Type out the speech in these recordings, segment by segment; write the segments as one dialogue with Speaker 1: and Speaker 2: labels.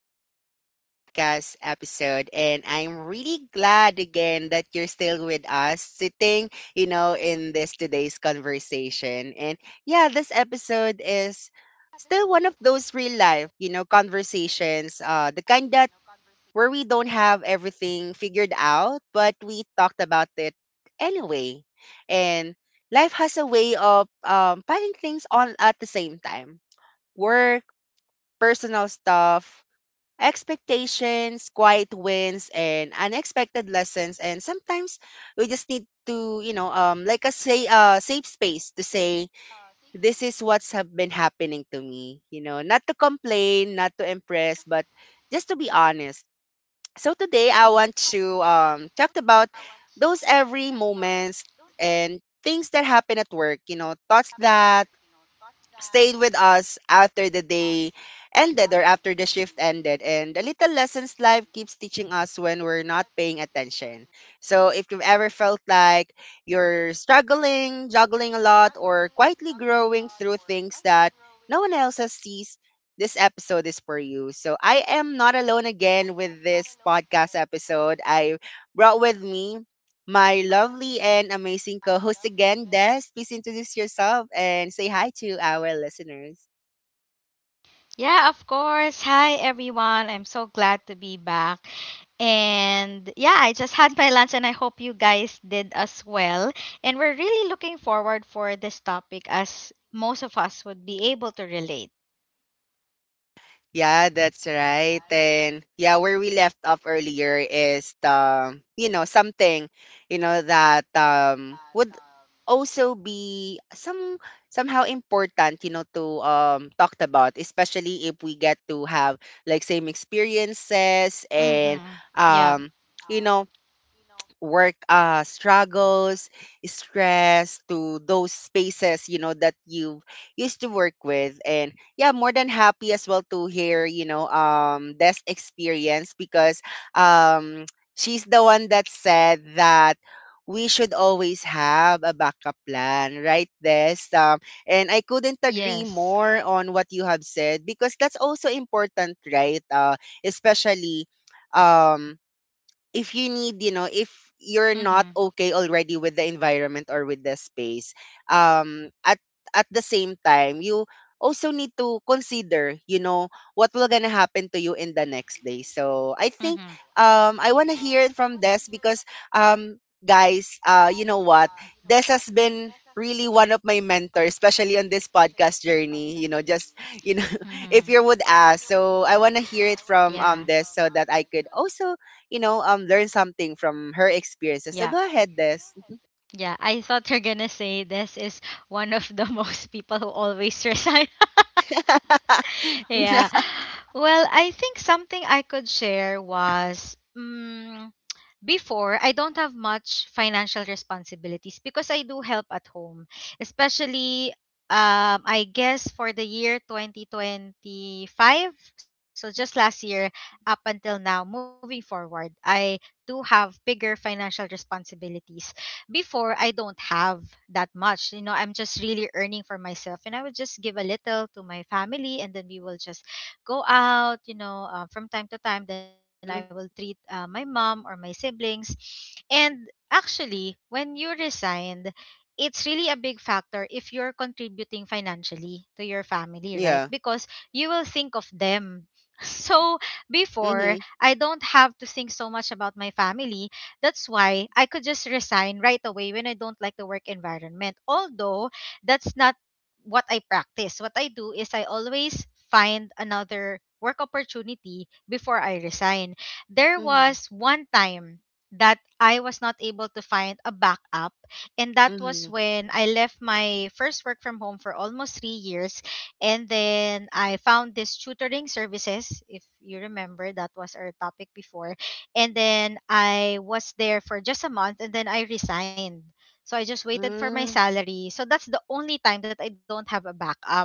Speaker 1: to our podcast episode. And I'm really glad again that you're still with us, sitting, in this today's conversation. This episode is still one of those real life, conversations, the kind that where we don't have everything figured out, but we talked about it anyway. And life has a way of finding things on at the same time. Work, personal stuff, expectations, quiet wins, and unexpected lessons. And sometimes we just need to, like a say, safe space to say, this is what's have been happening to me. You know, not to complain, not to impress, but just to be honest. So today I want to talk about those every moments and things that happen at work. You know, thoughts that stayed with us after the day ended or after the shift ended. And the little lessons life keeps teaching us when we're not paying attention. So if you've ever felt like you're struggling, juggling a lot, or quietly growing through things that no one else has sees, this episode is for you. So I am not alone again with this podcast episode. I brought with me my lovely and amazing co host again, Des. Please introduce yourself and say hi to our listeners. Yeah, that's right. And yeah, where we left off earlier is the, something, that would also be some somehow important, to talked about, especially if we get to have like same experiences and
Speaker 2: Mm-hmm. Yeah.
Speaker 1: um you know work struggles, stress to those spaces, that you used to work with. And yeah, more than happy as well to hear, this experience because um, she's the one that said that we should always have a backup plan, right? This and I couldn't agree
Speaker 2: Yes.
Speaker 1: more on what you have said because that's also important, right? Especially. Um, if you need, if you're not
Speaker 2: Mm-hmm.
Speaker 1: okay already with the environment or with the space, um, at at the same time, you also need to consider, what will gonna happen to you in the next day. So I think
Speaker 2: Mm-hmm.
Speaker 1: I wanna hear it from Des because um guys, you know what? Des has been really one of my mentors, especially on this podcast journey, you know, just you know,
Speaker 2: Mm-hmm.
Speaker 1: if you would ask. So I wanna hear it from
Speaker 2: Yeah.
Speaker 1: Des so that I could also you know, learn something from her experiences.
Speaker 2: Yeah,
Speaker 1: So go ahead, Des.
Speaker 2: yeah. I thought you're gonna say this is one of the most people who always resign. yeah. Well, I think something I could share was. Before, I don't have much financial responsibilities because I do help at home. Especially, I guess for the year 2025, so just last year up until now, moving forward, I do have bigger financial responsibilities. Before, I don't have that much. You know, I'm just really earning for myself, and I would just give a little to my family and then we will just go out from time to time. Then I will
Speaker 1: Mm,
Speaker 2: treat my mom or my siblings. And actually, when you resigned, it's really a big factor if you're contributing financially to your family, right?
Speaker 1: yeah.
Speaker 2: Because you will think of them. So before,
Speaker 1: Mhm.
Speaker 2: I don't have to think so much about my family. That's why I could just resign right away when I don't like the work environment. Although that's not what I practice. What I do is I always find another work opportunity before I resign. There
Speaker 1: Mhm.
Speaker 2: was one time that I was not able to find a backup, and that was
Speaker 1: Mhm.
Speaker 2: when I left my first work from home for almost 3 years, and then I found this tutoring services. If you remember, that was our topic before, and then I was there for just a month, and then I resigned, so I just waited for my
Speaker 1: Mm.
Speaker 2: salary. So that's the only time that I don't have a backup.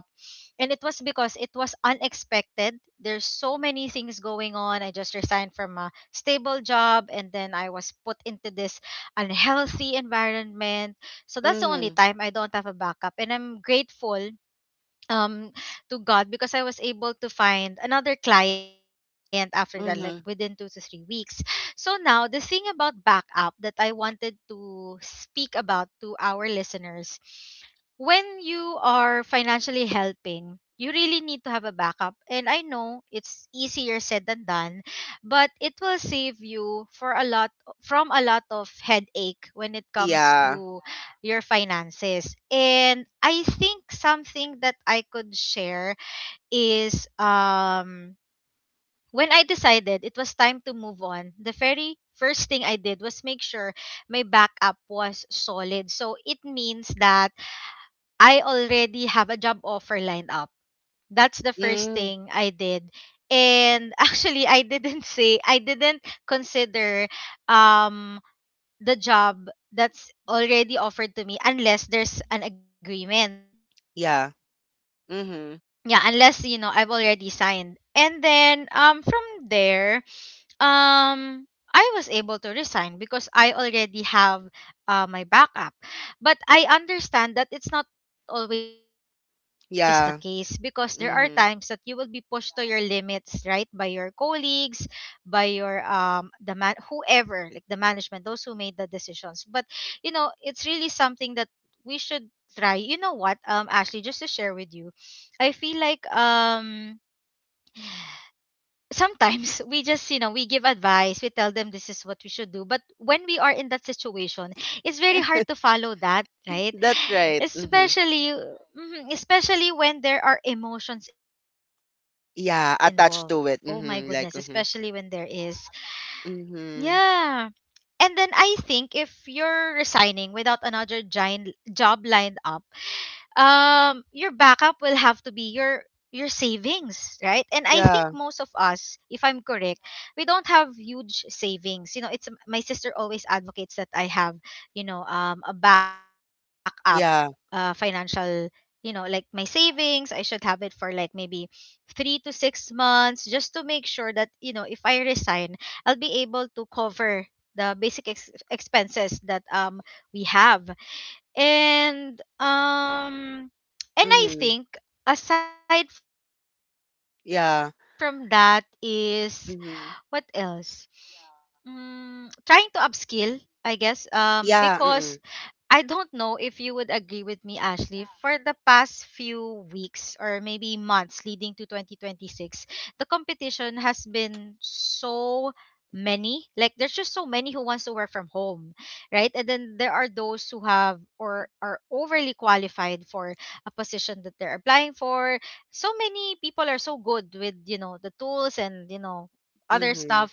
Speaker 2: And it was because it was unexpected. There's so many things going on. I just resigned from a stable job and then I was put into this unhealthy environment. So that's the only
Speaker 1: Mhm.
Speaker 2: time I don't have a backup. And I'm grateful um to God, because I was able to find another client after that, like within two to three
Speaker 1: Mhm.
Speaker 2: weeks. So now the thing about backup that I wanted to speak about to our listeners, when you are financially helping, you really need to have a backup. And I know it's easier said than done, but it will save you for a lot from a lot of headache when it comes
Speaker 1: Yeah.
Speaker 2: to your finances. And I think something that I could share is when I decided it was time to move on, the very first thing I did was make sure my backup was solid. So it means that I already have a job offer lined up. That's the first
Speaker 1: Mm,
Speaker 2: thing I did. And actually I didn't say I didn't consider um the job that's already offered to me unless there's an agreement,
Speaker 1: yeah. Mhm.
Speaker 2: yeah, unless you know I've already signed, and then from there, um I was able to resign because I already have my backup. But I understand that it's not always the case because there are times that
Speaker 1: Yeah.
Speaker 2: you will be pushed to your
Speaker 1: Mhm.
Speaker 2: limits, right, by your colleagues, by your the man whoever, like the management, those who made the decisions. But you know, it's really something that we should try. You know what? Ashley, just to share with you, I feel like sometimes we just, you know, we give advice, we tell them this is what we should do, but when we are in that situation it's very hard to follow that, right?
Speaker 1: That's right. Mhm.
Speaker 2: Especially especially when there are emotions involved, oh my
Speaker 1: Yeah,
Speaker 2: goodness,
Speaker 1: attached to
Speaker 2: especially
Speaker 1: it.
Speaker 2: when there
Speaker 1: Mhm. Like
Speaker 2: is,
Speaker 1: mhm.
Speaker 2: yeah.
Speaker 1: Mhm.
Speaker 2: And then I think if you're resigning without another giant job lined up, your backup will have to be your savings, right? And I
Speaker 1: Yeah.
Speaker 2: think most of us, if I'm correct, we don't have huge savings. You know, it's, my sister always advocates that I have, you know, a backup,
Speaker 1: Yeah.
Speaker 2: financial, you know, like my savings I should have it for like maybe 3 to 6 months just to make sure that, you know, if I resign I'll be able to cover the basic expenses that we have. And
Speaker 1: Mhm.
Speaker 2: and I think aside
Speaker 1: Yeah.
Speaker 2: from that is
Speaker 1: Mhm.
Speaker 2: what else? Trying to upskill, I guess,
Speaker 1: Yeah. Mhm.
Speaker 2: because I don't know if you would agree with me, Ashley. For the past few weeks or maybe months leading to 2026, the competition has been so many. Like, there's just so many who wants to work from home, right? And then there are those who have or are overly qualified for a position that they're applying for. So many people are so good with, you know, the tools and, you know, other
Speaker 1: Mhm.
Speaker 2: stuff.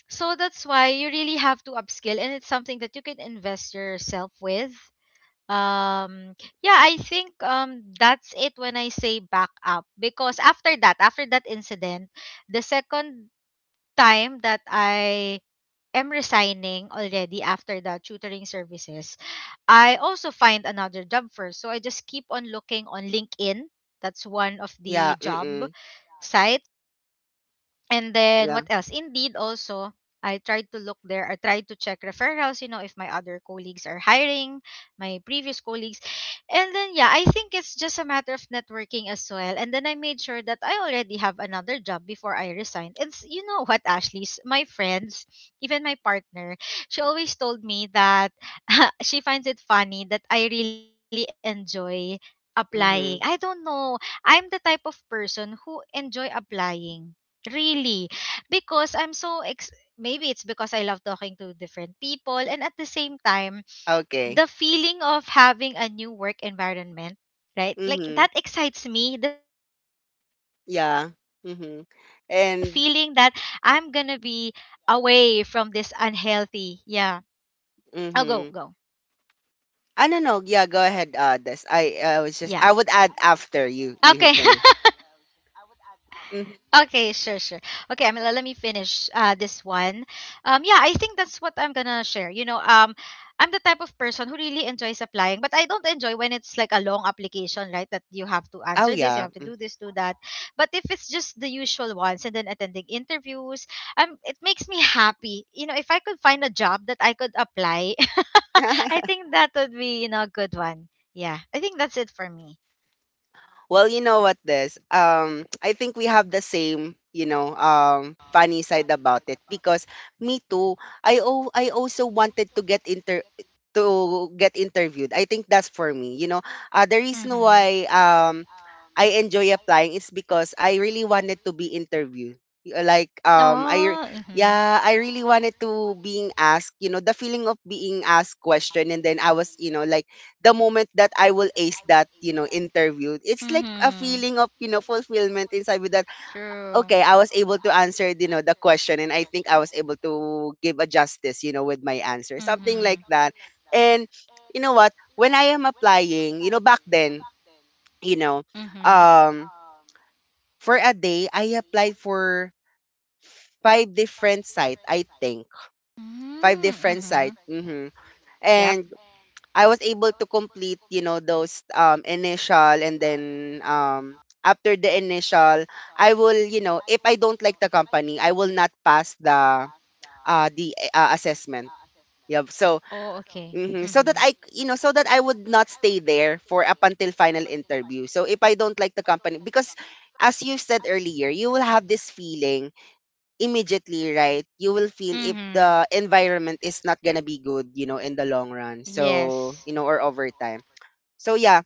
Speaker 2: So that's why you really have to upskill, and it's something that you can invest yourself with. Um yeah, I think that's it when I say back up, because after that incident, the second time that I am resigning already after the tutoring services, I also find another job first. So I just keep on looking on LinkedIn. That's one of
Speaker 1: Yeah.
Speaker 2: the
Speaker 1: Mhm.
Speaker 2: job sites. And then
Speaker 1: Yeah.
Speaker 2: what else? Indeed, also, I tried to look there. I tried to check referrals, you know, if my other colleagues are hiring, my previous colleagues. And then, yeah, I think it's just a matter of networking as well. And then I made sure that I already have another job before I resigned. You know what, Ashley? My friends, even my partner, she always told me that she finds it funny that I really enjoy applying. I
Speaker 1: Mhm.
Speaker 2: don't know. I'm the type of person who enjoy applying. Really. Because I'm so maybe it's because I love talking to different people, and at the same time
Speaker 1: Okay.
Speaker 2: the feeling of having a new work environment, right? Like
Speaker 1: Mhm.
Speaker 2: that excites me, the feeling that I'm going to
Speaker 1: Yeah.
Speaker 2: be
Speaker 1: Mhm.
Speaker 2: away from
Speaker 1: And
Speaker 2: this unhealthy. Yeah. I'll go, go.
Speaker 1: mhm. I don't know.
Speaker 2: Yeah.
Speaker 1: Yeah, go ahead, This. I
Speaker 2: Okay.
Speaker 1: was just I would add after you finish.
Speaker 2: Okay, sure, sure. Okay, Amila,
Speaker 1: Mhm.
Speaker 2: let me finish this one. Yeah, I think that's what I'm gonna share. You know, I'm the type of person who really enjoys applying, but I don't enjoy when it's like a long application, right? That you have to answer this,
Speaker 1: Oh
Speaker 2: you have to
Speaker 1: yeah.
Speaker 2: do this, do that. But if it's just the usual ones and then attending interviews, it makes me happy. You know, if I could find a job that I could apply, I think that would be, you know, a good one. Yeah. I think that's it for me.
Speaker 1: Well, you know what, this. I think we have the same, funny side about it because me too. I oh, I also wanted to get inter to get interviewed. I think that's for me. You know, the reason
Speaker 2: Mhm.
Speaker 1: why I enjoy applying is because I really wanted to be interviewed. Like
Speaker 2: Oh, mhm.
Speaker 1: yeah, I really wanted to being asked, you know, the feeling of being asked question, and then I was, you know, like the moment that I will ace that, you know, interview, it's like a
Speaker 2: Mhm.
Speaker 1: feeling of, you know, fulfillment inside me that,
Speaker 2: True.
Speaker 1: okay, I was able to answer, you know, the question, and I think I was able to give a justice, you know, with my answer, something
Speaker 2: Mhm.
Speaker 1: like that. And you know what? When I am applying, you know, back then, you know,
Speaker 2: Mhm.
Speaker 1: um, for a day, I applied for five different site, I think. Five
Speaker 2: Mm,
Speaker 1: different
Speaker 2: Mhm.
Speaker 1: site. Mm-hmm.
Speaker 2: Yep.
Speaker 1: And I was able to complete, you know, those initial, and then after the initial, I will, you know, if I don't like the company, I will not pass the assessment. Yeah. So,
Speaker 2: Oh, okay.
Speaker 1: mhm, so
Speaker 2: Mhm.
Speaker 1: that I, you know, so that I would not stay there for up until final interview. So if I don't like the company, because as you said earlier, you will have this feeling immediately, right? You will feel if
Speaker 2: Mhm.
Speaker 1: the environment is not gonna be good, you know, in the long run. So,
Speaker 2: Yes.
Speaker 1: you know, or over time, so yeah,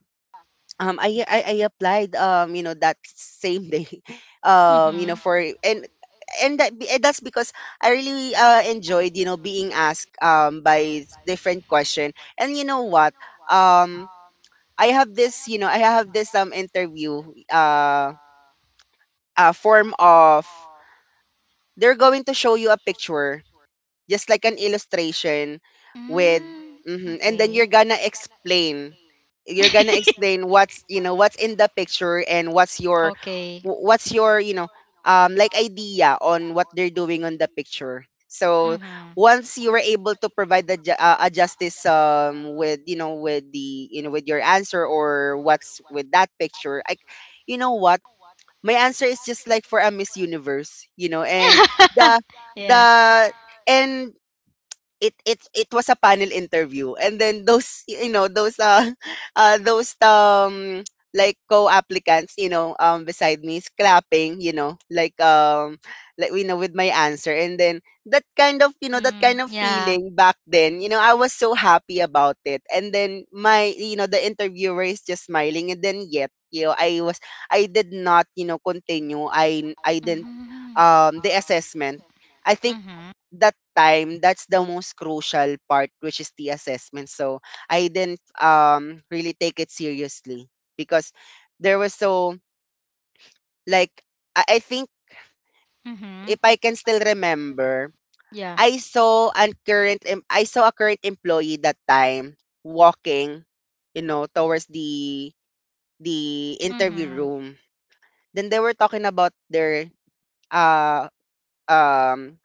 Speaker 1: I applied you know that same day you
Speaker 2: Mhm.
Speaker 1: know for and that, and that's because I really enjoyed, you know, being asked by different question. And you know what, um I have this interview, uh a form of, they're going to show you a picture, just like an illustration with
Speaker 2: Mm,
Speaker 1: mhm, and then
Speaker 2: okay.
Speaker 1: you're gonna explain what's, you know, what's in the picture, and what's your
Speaker 2: Okay.
Speaker 1: what's your, you know, like idea on what they're doing on the picture. So
Speaker 2: Mhm.
Speaker 1: once you were able to provide the a justice with, you know, with the, you know, with your answer or what's with that picture, like, you know what, my answer is just like for a miss universe, you know. And the
Speaker 2: Yeah.
Speaker 1: the and it it was a panel interview, and then those, you know, those those like co-applicants, you know, beside me is clapping, you know, like like, you know, with my answer. And then that kind of, you know, that kind
Speaker 2: Mhm.
Speaker 1: of
Speaker 2: Yeah.
Speaker 1: feeling back then, you know, I was so happy about it. And then my, you know, the interviewer is just smiling. And then yet, you know, I was, I did not, you know, continue. I didn't
Speaker 2: Mhm.
Speaker 1: the assessment. I think
Speaker 2: Mhm.
Speaker 1: that time, that's the most crucial part, which is the assessment. So I didn't really take it seriously because there was so like I think
Speaker 2: Mhm.
Speaker 1: if I can still remember,
Speaker 2: Yeah.
Speaker 1: I saw a current I saw a current employee that time walking, you know, towards the interview
Speaker 2: Mhm.
Speaker 1: room. Then they were talking about their uh um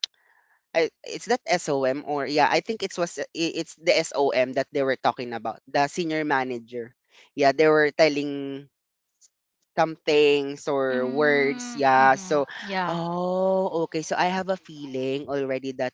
Speaker 1: I is that SOM? Or yeah, I think it was it's the SOM that they were talking about, the senior manager. Yeah, they were telling some things or words.
Speaker 2: Mm,
Speaker 1: Yeah, so
Speaker 2: mhm. Yeah.
Speaker 1: oh, okay. So I have a feeling already that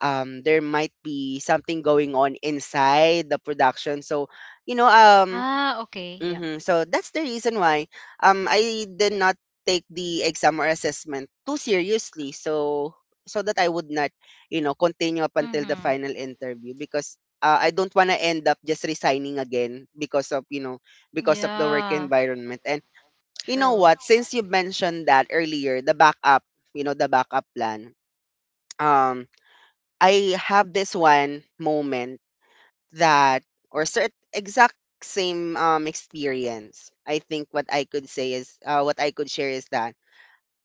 Speaker 1: there might be something going on inside the production. So you know um,
Speaker 2: Ah, okay. Yeah.
Speaker 1: mm-hmm. So that's the reason why I did not take the exam or assessment too seriously. So so that I would not, you know, continue up until the
Speaker 2: Mhm.
Speaker 1: final interview, because I don't want to end up just resigning again because of, you know, because of the work
Speaker 2: Yeah.
Speaker 1: environment. And you know
Speaker 2: True.
Speaker 1: what, since you mentioned that earlier, the backup, you know, the backup plan. Um I have this one moment that or cert exact same experience. I think what I could say is what I could share is that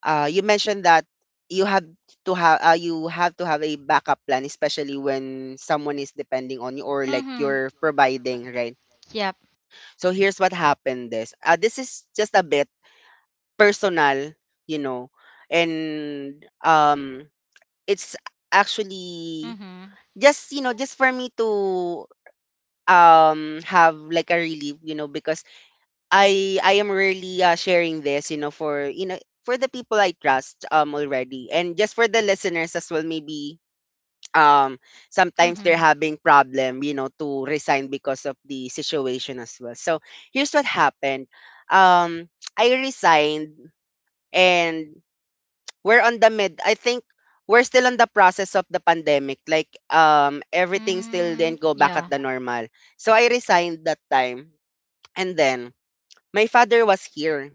Speaker 1: you mentioned that you have to have a backup plan, especially when someone is depending on you, or like
Speaker 2: Mhm.
Speaker 1: you're providing, right?
Speaker 2: Yep.
Speaker 1: So here's what happened. This this is just a bit personal, you know. And it's actually
Speaker 2: Mhm.
Speaker 1: just, you know, just for me to have like a relief, you know, because I am really sharing this, you know, for, you know, for the people I trust already, and just for the listeners as well. Maybe um sometimes they're
Speaker 2: Mhm.
Speaker 1: having problem, you know, to resign because of the situation as well. So here's what happened. Um I resigned. And we're on the mid, I think we're still on the process of the pandemic, like everything still
Speaker 2: Mm,
Speaker 1: didn't go back at
Speaker 2: yeah.
Speaker 1: the normal. So I resigned that time. And then, my father was here.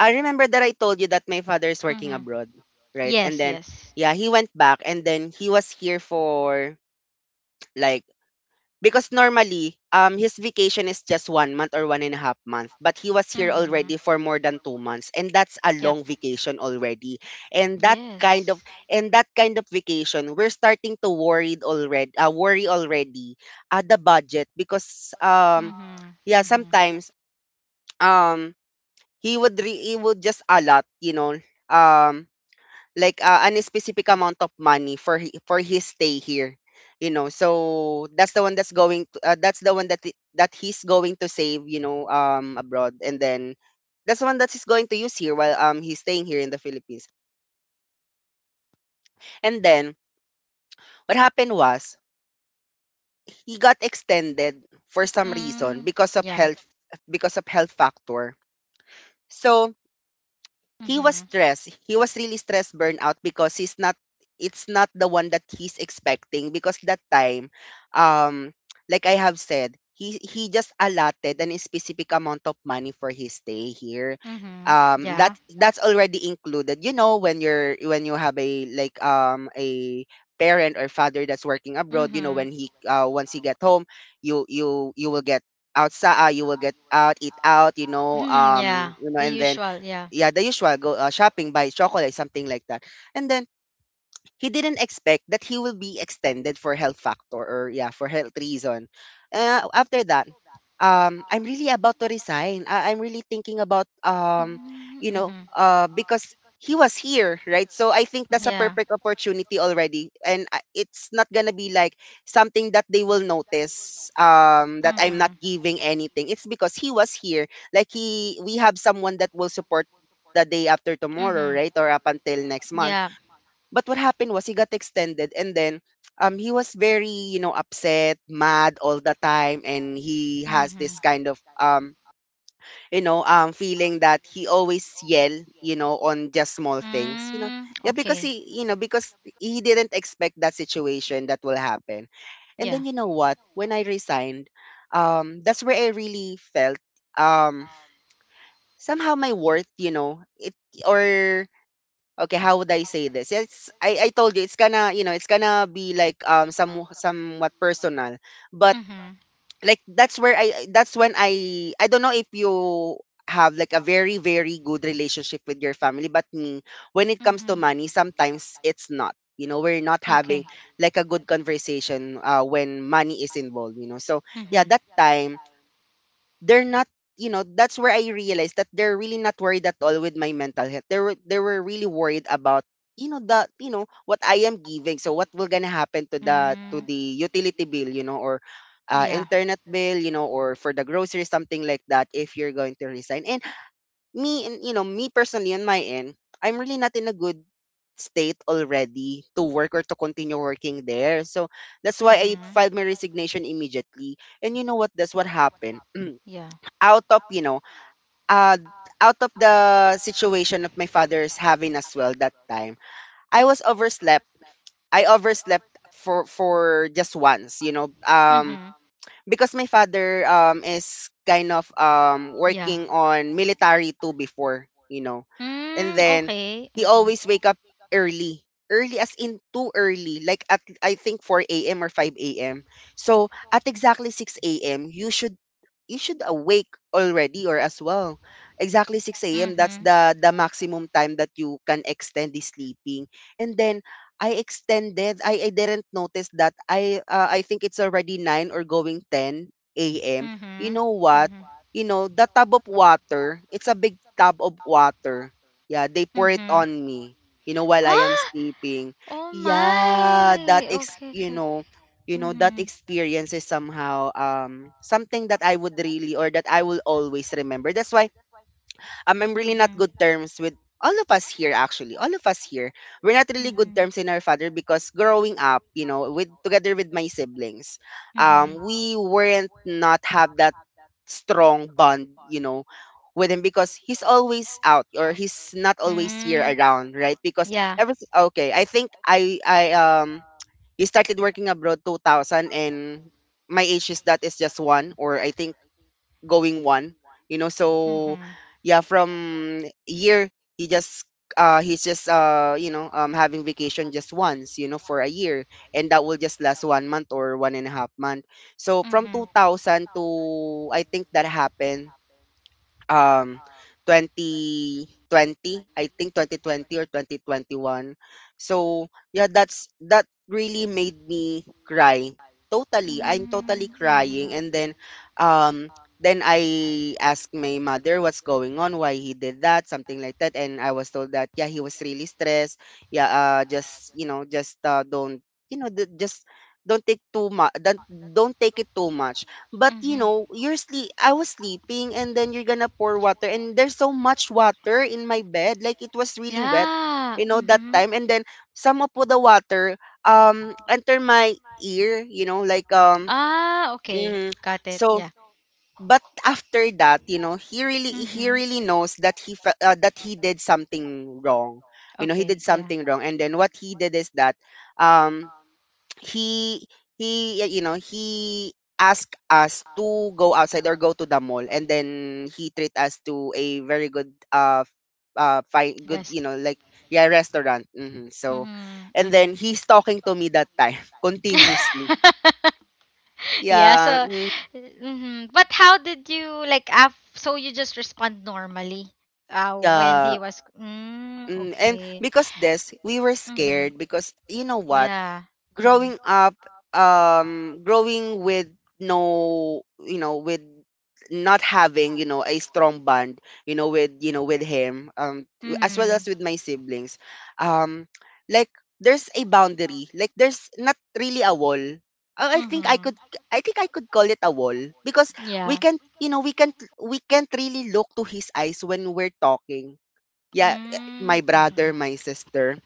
Speaker 1: I remember that I told you that my father is working
Speaker 2: Mhm.
Speaker 1: abroad, right?
Speaker 2: Yes,
Speaker 1: And then,
Speaker 2: yes.
Speaker 1: yeah, he went back, and then he was here for like, because normally his vacation is just 1 month or 1.5 months, but he was here
Speaker 2: Mhm.
Speaker 1: already for more than 2 months, and that's a
Speaker 2: Yep.
Speaker 1: long vacation already.
Speaker 2: Yes.
Speaker 1: And that kind of vacation, we're starting to worried already, worry already at the budget because
Speaker 2: Mhm.
Speaker 1: yeah
Speaker 2: Mhm.
Speaker 1: sometimes um he would re he would just allot, you know, um, like an specific amount of money for for his stay here, you know. So that's the one that's going to, that's the one that that he's going to save, you know, abroad, and then that's the one that he's going to use here while he's staying here in the Philippines. And then what happened was he got extended for some reason
Speaker 2: Mm, yeah.
Speaker 1: because of health factor. So he was
Speaker 2: Mhm.
Speaker 1: stressed. He was really stressed, burnout, because he's not it's not the one that he's expecting, because that time, um like I have said, he just allotted an specific amount of money for his stay here.
Speaker 2: Mhm. Yeah.
Speaker 1: That that's already included, you know, when you have a like a parent or father that's working abroad, you know,
Speaker 2: Mhm.
Speaker 1: when he once he get home, you you will get outside, you will get out, eat out, you know,
Speaker 2: Mhm. Yeah.
Speaker 1: you know,
Speaker 2: The
Speaker 1: and then
Speaker 2: usual, yeah.
Speaker 1: yeah, the usual. Go, shopping, buy chocolate, something like that. And then he didn't expect that he will be extended for health factor or yeah for health reason. After that, I'm really about to resign. I'm really thinking about,
Speaker 2: Mhm.
Speaker 1: you know,
Speaker 2: Mhm.
Speaker 1: because he was here, right? So I think that's a
Speaker 2: Yeah.
Speaker 1: perfect opportunity already, and it's not gonna be like something that they will notice, that I'm
Speaker 2: Mhm.
Speaker 1: not giving anything. It's because he was here, like he we have someone that will support the day after
Speaker 2: Mhm.
Speaker 1: tomorrow, right, or up until next month.
Speaker 2: Yeah.
Speaker 1: But what happened was he got extended, and then he was very, you know, upset, mad all the time, and he has
Speaker 2: Mhm.
Speaker 1: this kind of you know, feeling that he always yell, you know, on just small things, you know.
Speaker 2: Mm,
Speaker 1: Yeah, because
Speaker 2: okay.
Speaker 1: because he didn't expect that situation that will happen. And
Speaker 2: Yeah.
Speaker 1: then you know what? When I resigned, that's where I really felt, um somehow, my worth, you know. It or Okay, how would I say this? It's I told you it's gonna, you know, it's gonna be like somewhat personal, but
Speaker 2: Mm-hmm.
Speaker 1: like that's where I that's when I don't know if you have like a very, very good relationship with your family, but me, when it comes to
Speaker 2: Mm-hmm.
Speaker 1: money, sometimes it's not, you know, we're not having
Speaker 2: Okay.
Speaker 1: like a good conversation, when money is involved, you know. So yeah,
Speaker 2: Mm-hmm.
Speaker 1: that time, they're not, you know, that's where I realized that they're really not worried at all with my mental health. They were really worried about, you know, the you know what I am giving. So what will gonna happen to the
Speaker 2: Mm,
Speaker 1: utility bill, you know, or
Speaker 2: yeah.
Speaker 1: internet bill, you know, or for the groceries, something like that, if you're going to resign. And me, and you know, me personally, on my end, I'm really not in a good state already to work or to continue working there. So that's why I
Speaker 2: Mm-hmm.
Speaker 1: filed my resignation immediately, and you know what, that's what happened.
Speaker 2: Yeah.
Speaker 1: Out of, you know, uh, out of the situation of my father's having as well that time, I was overslept. I overslept for just once, you know.
Speaker 2: Mm-hmm.
Speaker 1: Because my father is kind of
Speaker 2: Yeah.
Speaker 1: working on military too before, you know. And
Speaker 2: Mm,
Speaker 1: then
Speaker 2: okay.
Speaker 1: he
Speaker 2: Mm-hmm.
Speaker 1: always wake up early. Early as in too early, like at, I think, 4 a.m. or 5 a.m. So at exactly 6 a.m. you should, awake already or as well. Exactly 6 a.m. That's
Speaker 2: Mm-hmm.
Speaker 1: the maximum time that you can extend the sleeping. And then I extended. I didn't notice that. I think it's already 9 or going 10 a.m. You
Speaker 2: Mm-hmm.
Speaker 1: know what?
Speaker 2: Mm-hmm.
Speaker 1: You know, the tub of water, it's a big tub of water. Yeah, they pour it
Speaker 2: Mm-hmm.
Speaker 1: on me, you know, while I am
Speaker 2: Huh?
Speaker 1: sleeping.
Speaker 2: Oh
Speaker 1: Yeah,
Speaker 2: my.
Speaker 1: that ex
Speaker 2: Okay, okay.
Speaker 1: you know,
Speaker 2: Mm-hmm.
Speaker 1: that experience is somehow something that I would really or that I will always remember. That's why, I'm really not
Speaker 2: Mm-hmm.
Speaker 1: good terms with all of us here. Actually, all of us here, we're not really good
Speaker 2: Mhm.
Speaker 1: terms in our father, because growing up, you know, with together with my siblings,
Speaker 2: Mhm.
Speaker 1: we weren't not have that strong bond, you know, with him, because he's always out, or he's not always here
Speaker 2: Police.
Speaker 1: around, right? Because every okay, I think I he started working abroad 2000, and my age is that is just one, or I think going one, you know.
Speaker 2: So, so,
Speaker 1: So
Speaker 2: Mhm.
Speaker 1: yeah, from year, he just, he's just, you know, having vacation just once, you know, for a year, and that will just last 1 month or one and a half month. So from
Speaker 2: Mhm.
Speaker 1: 2000 to, I think that happened, um 2020. I think 2020 or 2021. So yeah, that's, that really made me cry. Totally, I'm
Speaker 2: Mhm.
Speaker 1: totally
Speaker 2: Mhm.
Speaker 1: crying. And um then I asked my mother what's going on, why he did that, something like that. And I was told that yeah, he was really stressed. Yeah, just, you know, just, don't, you know, just don't take too much. Don't take it too much. But
Speaker 2: Mm-hmm.
Speaker 1: you
Speaker 2: Mhm.
Speaker 1: know, you're sleep I was sleeping, and then you're gonna pour water, and there's so much water in my bed. Like it was really wet,
Speaker 2: Yeah, you
Speaker 1: you
Speaker 2: know,
Speaker 1: know, that
Speaker 2: Mhm.
Speaker 1: time. And
Speaker 2: Time.
Speaker 1: then some of the water enter my ear, you know, like
Speaker 2: Ah, okay.
Speaker 1: mhm.
Speaker 2: Mm, got it.
Speaker 1: So
Speaker 2: Yeah.
Speaker 1: but after that, you know, he
Speaker 2: Mhm.
Speaker 1: really knows that that he did something wrong. You know, he
Speaker 2: Okay.
Speaker 1: did something wrong. And then what he did is that, um he, you know, he asked us to go outside or go to the mall, and then he treat us to a very good fine
Speaker 2: Happened,
Speaker 1: good,
Speaker 2: that's
Speaker 1: you know, like, yeah, restaurant, hmm. So
Speaker 2: Mhm.
Speaker 1: and
Speaker 2: Mhm.
Speaker 1: then he's talking to me that time continuously.
Speaker 2: Yeah.
Speaker 1: Yeah,
Speaker 2: So,
Speaker 1: mm,
Speaker 2: mhm. But how did you like? So you just respond normally. When
Speaker 1: yeah,
Speaker 2: he was. Mm,
Speaker 1: mm. And
Speaker 2: okay.
Speaker 1: because this, we were
Speaker 2: Mhm.
Speaker 1: scared, because you know what,
Speaker 2: Yeah. Mhm.
Speaker 1: growing up, growing with, no, you know, with not having, you know, a strong bond, you know, with, you know, with him, as well as
Speaker 2: Mhm.
Speaker 1: with my siblings, um like there's a boundary. Like there's not really a wall. I think I could,
Speaker 2: Mhm.
Speaker 1: call it a wall. Because we
Speaker 2: Yeah.
Speaker 1: can't, you know, we can't really look to his eyes when we're talking. Yeah, my
Speaker 2: Mm, mhm.
Speaker 1: brother, my sister,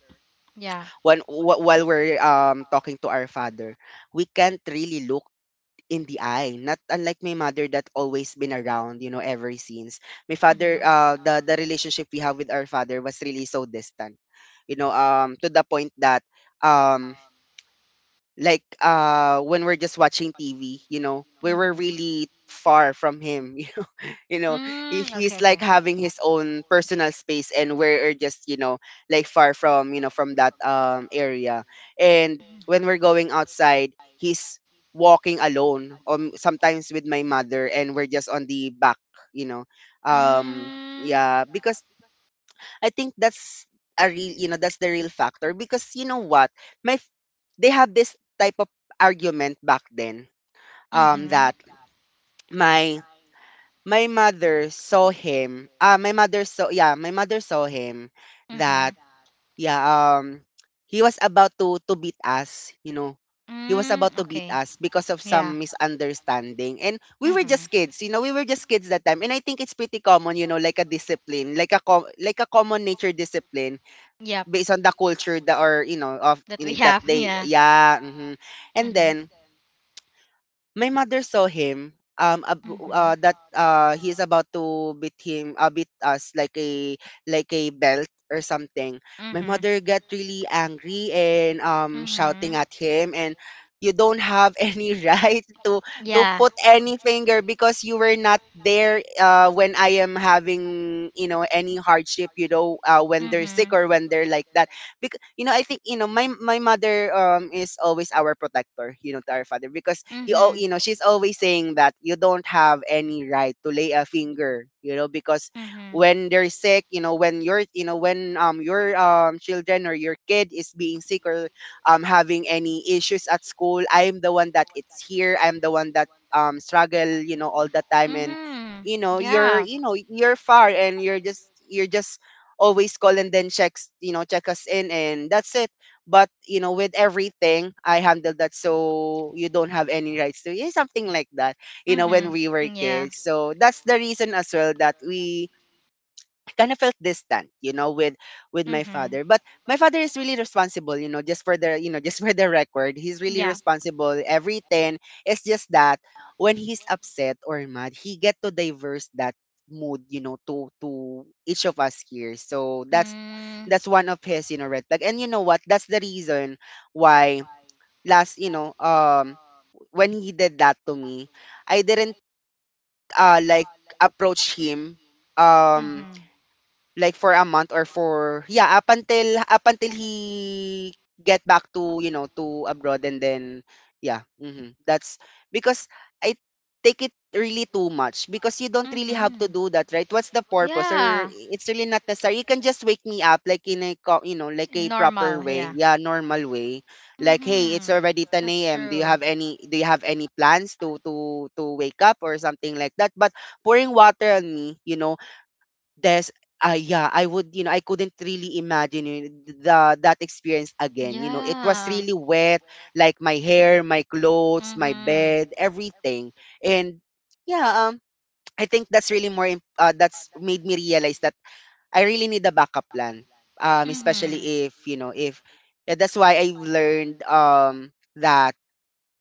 Speaker 2: Yeah.
Speaker 1: when while we're talking to our father, we can't really look in the eye, not unlike my mother that always been around, you know. Ever since my father,
Speaker 2: Mhm.
Speaker 1: the relationship we have with our father was really so distant, you know. To the point that, um like, when we're just watching TV, you know, we were
Speaker 2: Mhm.
Speaker 1: really far from him. You know, he,
Speaker 2: Mm, okay.
Speaker 1: he's like
Speaker 2: Okay.
Speaker 1: having his own personal space, and we're just, you know, like far from, you know, from that area. And when we're
Speaker 2: Mhm.
Speaker 1: going outside, he's walking alone, or sometimes with my mother, and we're just on the back, you know. um
Speaker 2: Mm,
Speaker 1: yeah, because I think that's a real, you know, that's the real factor. Because you know what, my f- they have this type of argument back then,
Speaker 2: mhm.
Speaker 1: that,
Speaker 2: Yeah.
Speaker 1: my my mother saw him. My mother saw yeah, my mother saw him that,
Speaker 2: Mhm.
Speaker 1: yeah, he was about to beat us, you know. He was about
Speaker 2: Mm,
Speaker 1: to beat
Speaker 2: okay.
Speaker 1: us because of
Speaker 2: Yeah.
Speaker 1: some misunderstanding. And we were just
Speaker 2: Mm-hmm.
Speaker 1: kids, you know. We were just kids that time. And I think it's pretty common, you know, like a discipline, like like a common nature discipline
Speaker 2: Yep.
Speaker 1: based on the culture that, or you know of,
Speaker 2: That
Speaker 1: you
Speaker 2: we
Speaker 1: know, that
Speaker 2: have.
Speaker 1: they,
Speaker 2: Yeah.
Speaker 1: yeah, mhm. And
Speaker 2: Mm-hmm.
Speaker 1: then my mother saw him, that he's about to beat him, beat us, like a, like a belt or something. My
Speaker 2: Mm-hmm.
Speaker 1: mother got really angry and
Speaker 2: Mm-hmm.
Speaker 1: shouting at
Speaker 2: Mm-hmm.
Speaker 1: him, and you don't have any right to
Speaker 2: Yeah.
Speaker 1: put any finger, because you were not there when I am having any hardship, when they're sick
Speaker 2: Mm-hmm.
Speaker 1: or when they're like that, because I think my mother is always our protector, to our father, because you all,
Speaker 2: Mm-hmm.
Speaker 1: she's always saying that you don't have any right to lay a finger, because
Speaker 2: Mm-hmm.
Speaker 1: when they're sick, when your, when your children or your kid is being sick or having any issues at school, I'm the one that it's here, I'm the one that struggle all the time. And
Speaker 2: Mm-hmm.
Speaker 1: you're,
Speaker 2: Yeah.
Speaker 1: you're far, and you're just always call and then checks you know check us in, and that's it. But with everything I handled that, so you don't have any rights to it, something like that, when we were
Speaker 2: Mm-hmm. Yeah.
Speaker 1: kids. So that's the reason as well that we kind of felt distant, with my
Speaker 2: Mm-hmm.
Speaker 1: father. But my father is really responsible, just for the, just for the record, he's really
Speaker 2: Yeah.
Speaker 1: responsible everything. It's just that when he's upset or mad, he get to diverse that mood, to each of us here. So that's
Speaker 2: Mm.
Speaker 1: that's one of his, red flag. And you know what, that's the reason why last, when he did that to me, I didn't like approach him um
Speaker 2: Mm-hmm.
Speaker 1: like for a month, or for, yeah, up until he get back to you know to abroad. And then, yeah. That's because I take it really too much, because you don't really have to
Speaker 2: Mm-hmm.
Speaker 1: do that, right? What's the purpose? Or
Speaker 2: Yeah.
Speaker 1: it's really not necessary. You can just wake me up like in a co- you know like a proper
Speaker 2: Normal.
Speaker 1: way,
Speaker 2: Yeah.
Speaker 1: yeah, normal way. Like, hey, it's
Speaker 2: Mm-hmm.
Speaker 1: already
Speaker 2: That's
Speaker 1: 10 a.m.
Speaker 2: true.
Speaker 1: Do you have any plans to wake up or something like that? But pouring water on me, there's, yeah, I would, I couldn't really imagine, the that experience again. It was
Speaker 2: Yeah.
Speaker 1: really wet, like my hair, my clothes, my
Speaker 2: Mm-hmm.
Speaker 1: bed, everything. And yeah, I think that's really more. That's made me realize that I really need a backup plan. Especially
Speaker 2: Mm-hmm.
Speaker 1: if, yeah, that's why I learned that,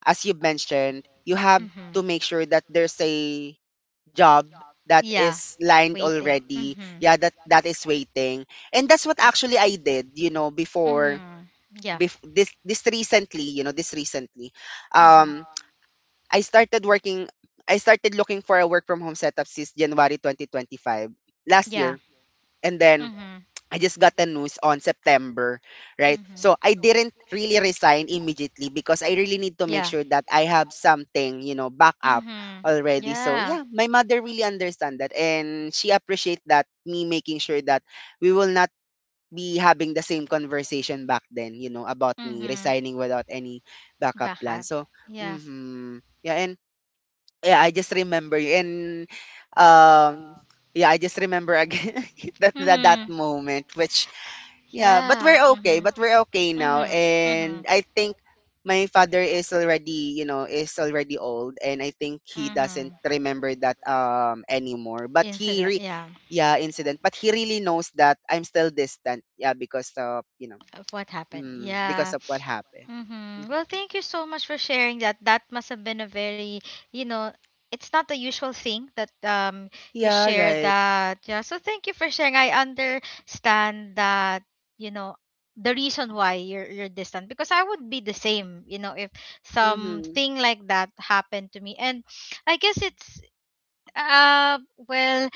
Speaker 1: as you mentioned, you have
Speaker 2: Mm-hmm.
Speaker 1: to make sure that there's a job that
Speaker 2: Yeah.
Speaker 1: is lined
Speaker 2: Waiting.
Speaker 1: already.
Speaker 2: Mm-hmm.
Speaker 1: Yeah, that is waiting. And that's what actually I did, before
Speaker 2: Mm-hmm. Yeah.
Speaker 1: this recently, this recently. Um
Speaker 2: Mm-hmm.
Speaker 1: I started working I started looking for a work from home setup since January 2025, last
Speaker 2: Yeah.
Speaker 1: year. And then
Speaker 2: Mhm.
Speaker 1: I just got the news on September, right? So
Speaker 2: Mhm.
Speaker 1: I didn't really resign immediately, because I really need to make
Speaker 2: Yeah.
Speaker 1: sure that I have something, back up
Speaker 2: Mhm.
Speaker 1: already. So
Speaker 2: Yeah.
Speaker 1: yeah, my mother really understand that, and she appreciate that me making sure that we will not be having the same conversation back then, about me
Speaker 2: Mhm.
Speaker 1: resigning without any backup plan.
Speaker 2: Backup.
Speaker 1: So,
Speaker 2: Yeah.
Speaker 1: mhm. Yeah, and yeah, I just remember you and um yeah, I just remember again that
Speaker 2: Mhm.
Speaker 1: moment, which yeah, but
Speaker 2: Yeah.
Speaker 1: we're
Speaker 2: Mhm.
Speaker 1: okay. But we're okay now.
Speaker 2: Mhm. Mhm.
Speaker 1: And I think my father is already old, and I think he doesn't
Speaker 2: Mhm.
Speaker 1: remember that anymore. But he
Speaker 2: Incident.
Speaker 1: re-
Speaker 2: Yeah.
Speaker 1: yeah, incident. But he really knows that I'm still distant. Yeah, because of, you know,
Speaker 2: Of what happened.
Speaker 1: mm, because
Speaker 2: Yeah.
Speaker 1: of what happened.
Speaker 2: Mm-hmm.
Speaker 1: Mhm.
Speaker 2: Well, thank you so much for sharing that. That must have been a very, you know, it's not the usual thing that you
Speaker 1: Yeah,
Speaker 2: share
Speaker 1: right.
Speaker 2: that. Yeah. So thank you for sharing. I understand that, you know, the reason why you're distant, because I would be the same, you know, if
Speaker 1: Mhm.
Speaker 2: something like that happened to me. And I guess it's uh, well,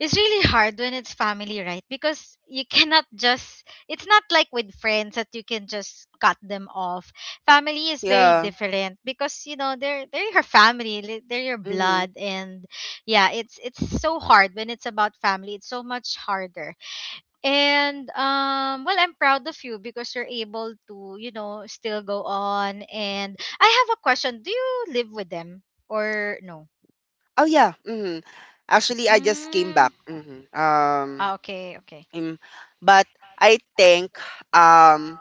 Speaker 2: it's really hard when it's family, right? Because you cannot just, it's not like with friends that you can just cut them off. Family is very
Speaker 1: Yeah.
Speaker 2: different because, you know, they're your family, they're your
Speaker 1: Mhm.
Speaker 2: blood. And yeah, it's so hard when it's about family. It's so much harder. And, well, I'm proud of you because you're able to, you know, still go on. And I have a question. Do you live with them or no?
Speaker 1: Oh yeah. Mhm. Actually, I just came
Speaker 2: Mm.
Speaker 1: back. Mhm.
Speaker 2: Ah, okay, okay.
Speaker 1: Mm, but I think um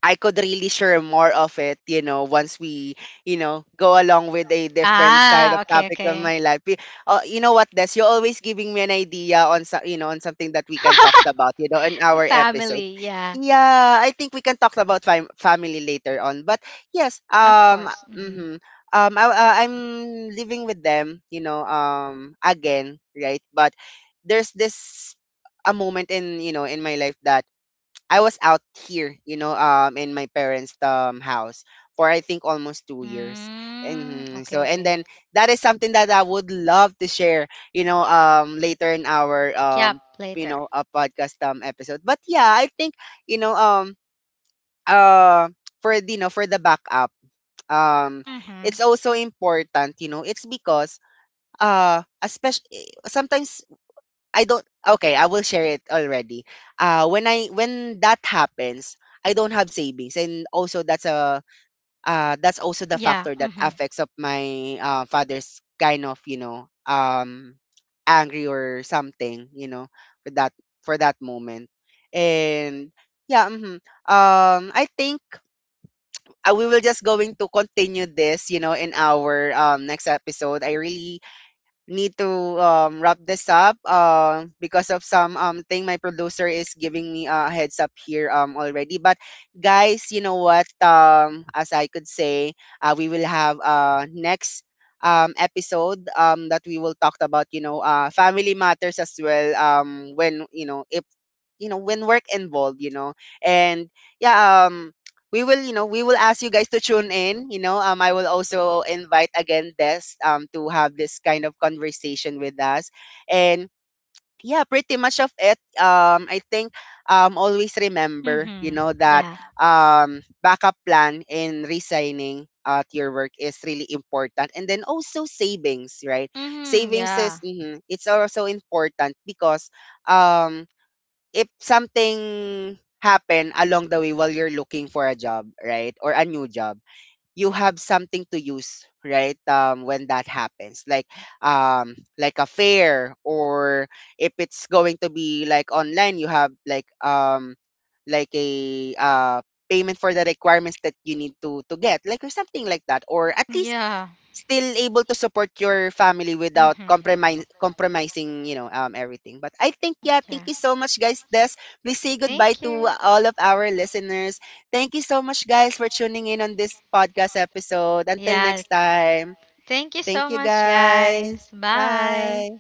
Speaker 1: I could really share more of it, once we, go along with a different side of
Speaker 2: Ah, okay,
Speaker 1: topic of
Speaker 2: okay.
Speaker 1: my life. You know what, Des, you're always giving me an idea on, so, you know, on something that we can talk about, in our episode.
Speaker 2: Family, yeah,
Speaker 1: Yeah, I think we can talk about family later on. But yes,
Speaker 2: of course. Mm-hmm.
Speaker 1: mm-hmm, I'm living with them, again, right? But there's this a moment in my life that I was out here, in my parents' house for I think almost 2 years.
Speaker 2: Mm,
Speaker 1: And so,
Speaker 2: okay,
Speaker 1: and then
Speaker 2: okay.
Speaker 1: that is something that I would love to share, later in our,
Speaker 2: Yep, later.
Speaker 1: a podcast episode. But yeah, I think you know, um, uh, for the backup, um,
Speaker 2: Mm-hmm.
Speaker 1: it's also important, it's because especially sometimes I don't, okay, I will share it already. When that happens, I don't have savings, and also that's also the
Speaker 2: Yeah.
Speaker 1: factor that
Speaker 2: Mm-hmm.
Speaker 1: affects of my father's kind of, angry or something, for that for that moment. And yeah, mhm. I think, we will just going to continue this, in our next episode. I really need to wrap this up, because of some, thing my producer is giving me a heads up here, already. But guys, you know what? As I could say, we will have, next episode, that we will talk about, family matters as well, when, you know, if you know when work involved, and yeah, we will ask you guys to tune in, I will also invite again Des to have this kind of conversation with us. And yeah, pretty much of it. I think, always remember,
Speaker 2: Mm-hmm.
Speaker 1: that
Speaker 2: Yeah.
Speaker 1: backup plan in resigning at your work is really important. And then also savings, right?
Speaker 2: Mm-hmm.
Speaker 1: Savings is,
Speaker 2: Yeah.
Speaker 1: it's also important, because um if something happen along the way while you're looking for a job, right? Or a new job, you have something to use, right? When that happens, like, like a fair, or if it's going to be like online, you have like, like a payment for the requirements that you need to get, like, or something like that, or at least
Speaker 2: Yeah.
Speaker 1: still able to support your family without
Speaker 2: Mm-hmm.
Speaker 1: compromise compromising, everything. But I think, yeah,
Speaker 2: Yeah.
Speaker 1: thank you so much, guys. Des, please say goodbye
Speaker 2: Thank
Speaker 1: to
Speaker 2: you.
Speaker 1: all of our listeners. Thank you so much, guys, for tuning in on this podcast episode. Until
Speaker 2: Yeah.
Speaker 1: next time.
Speaker 2: Thank you
Speaker 1: Thank
Speaker 2: so
Speaker 1: you,
Speaker 2: much,
Speaker 1: guys.
Speaker 2: guys. Bye.
Speaker 1: Bye.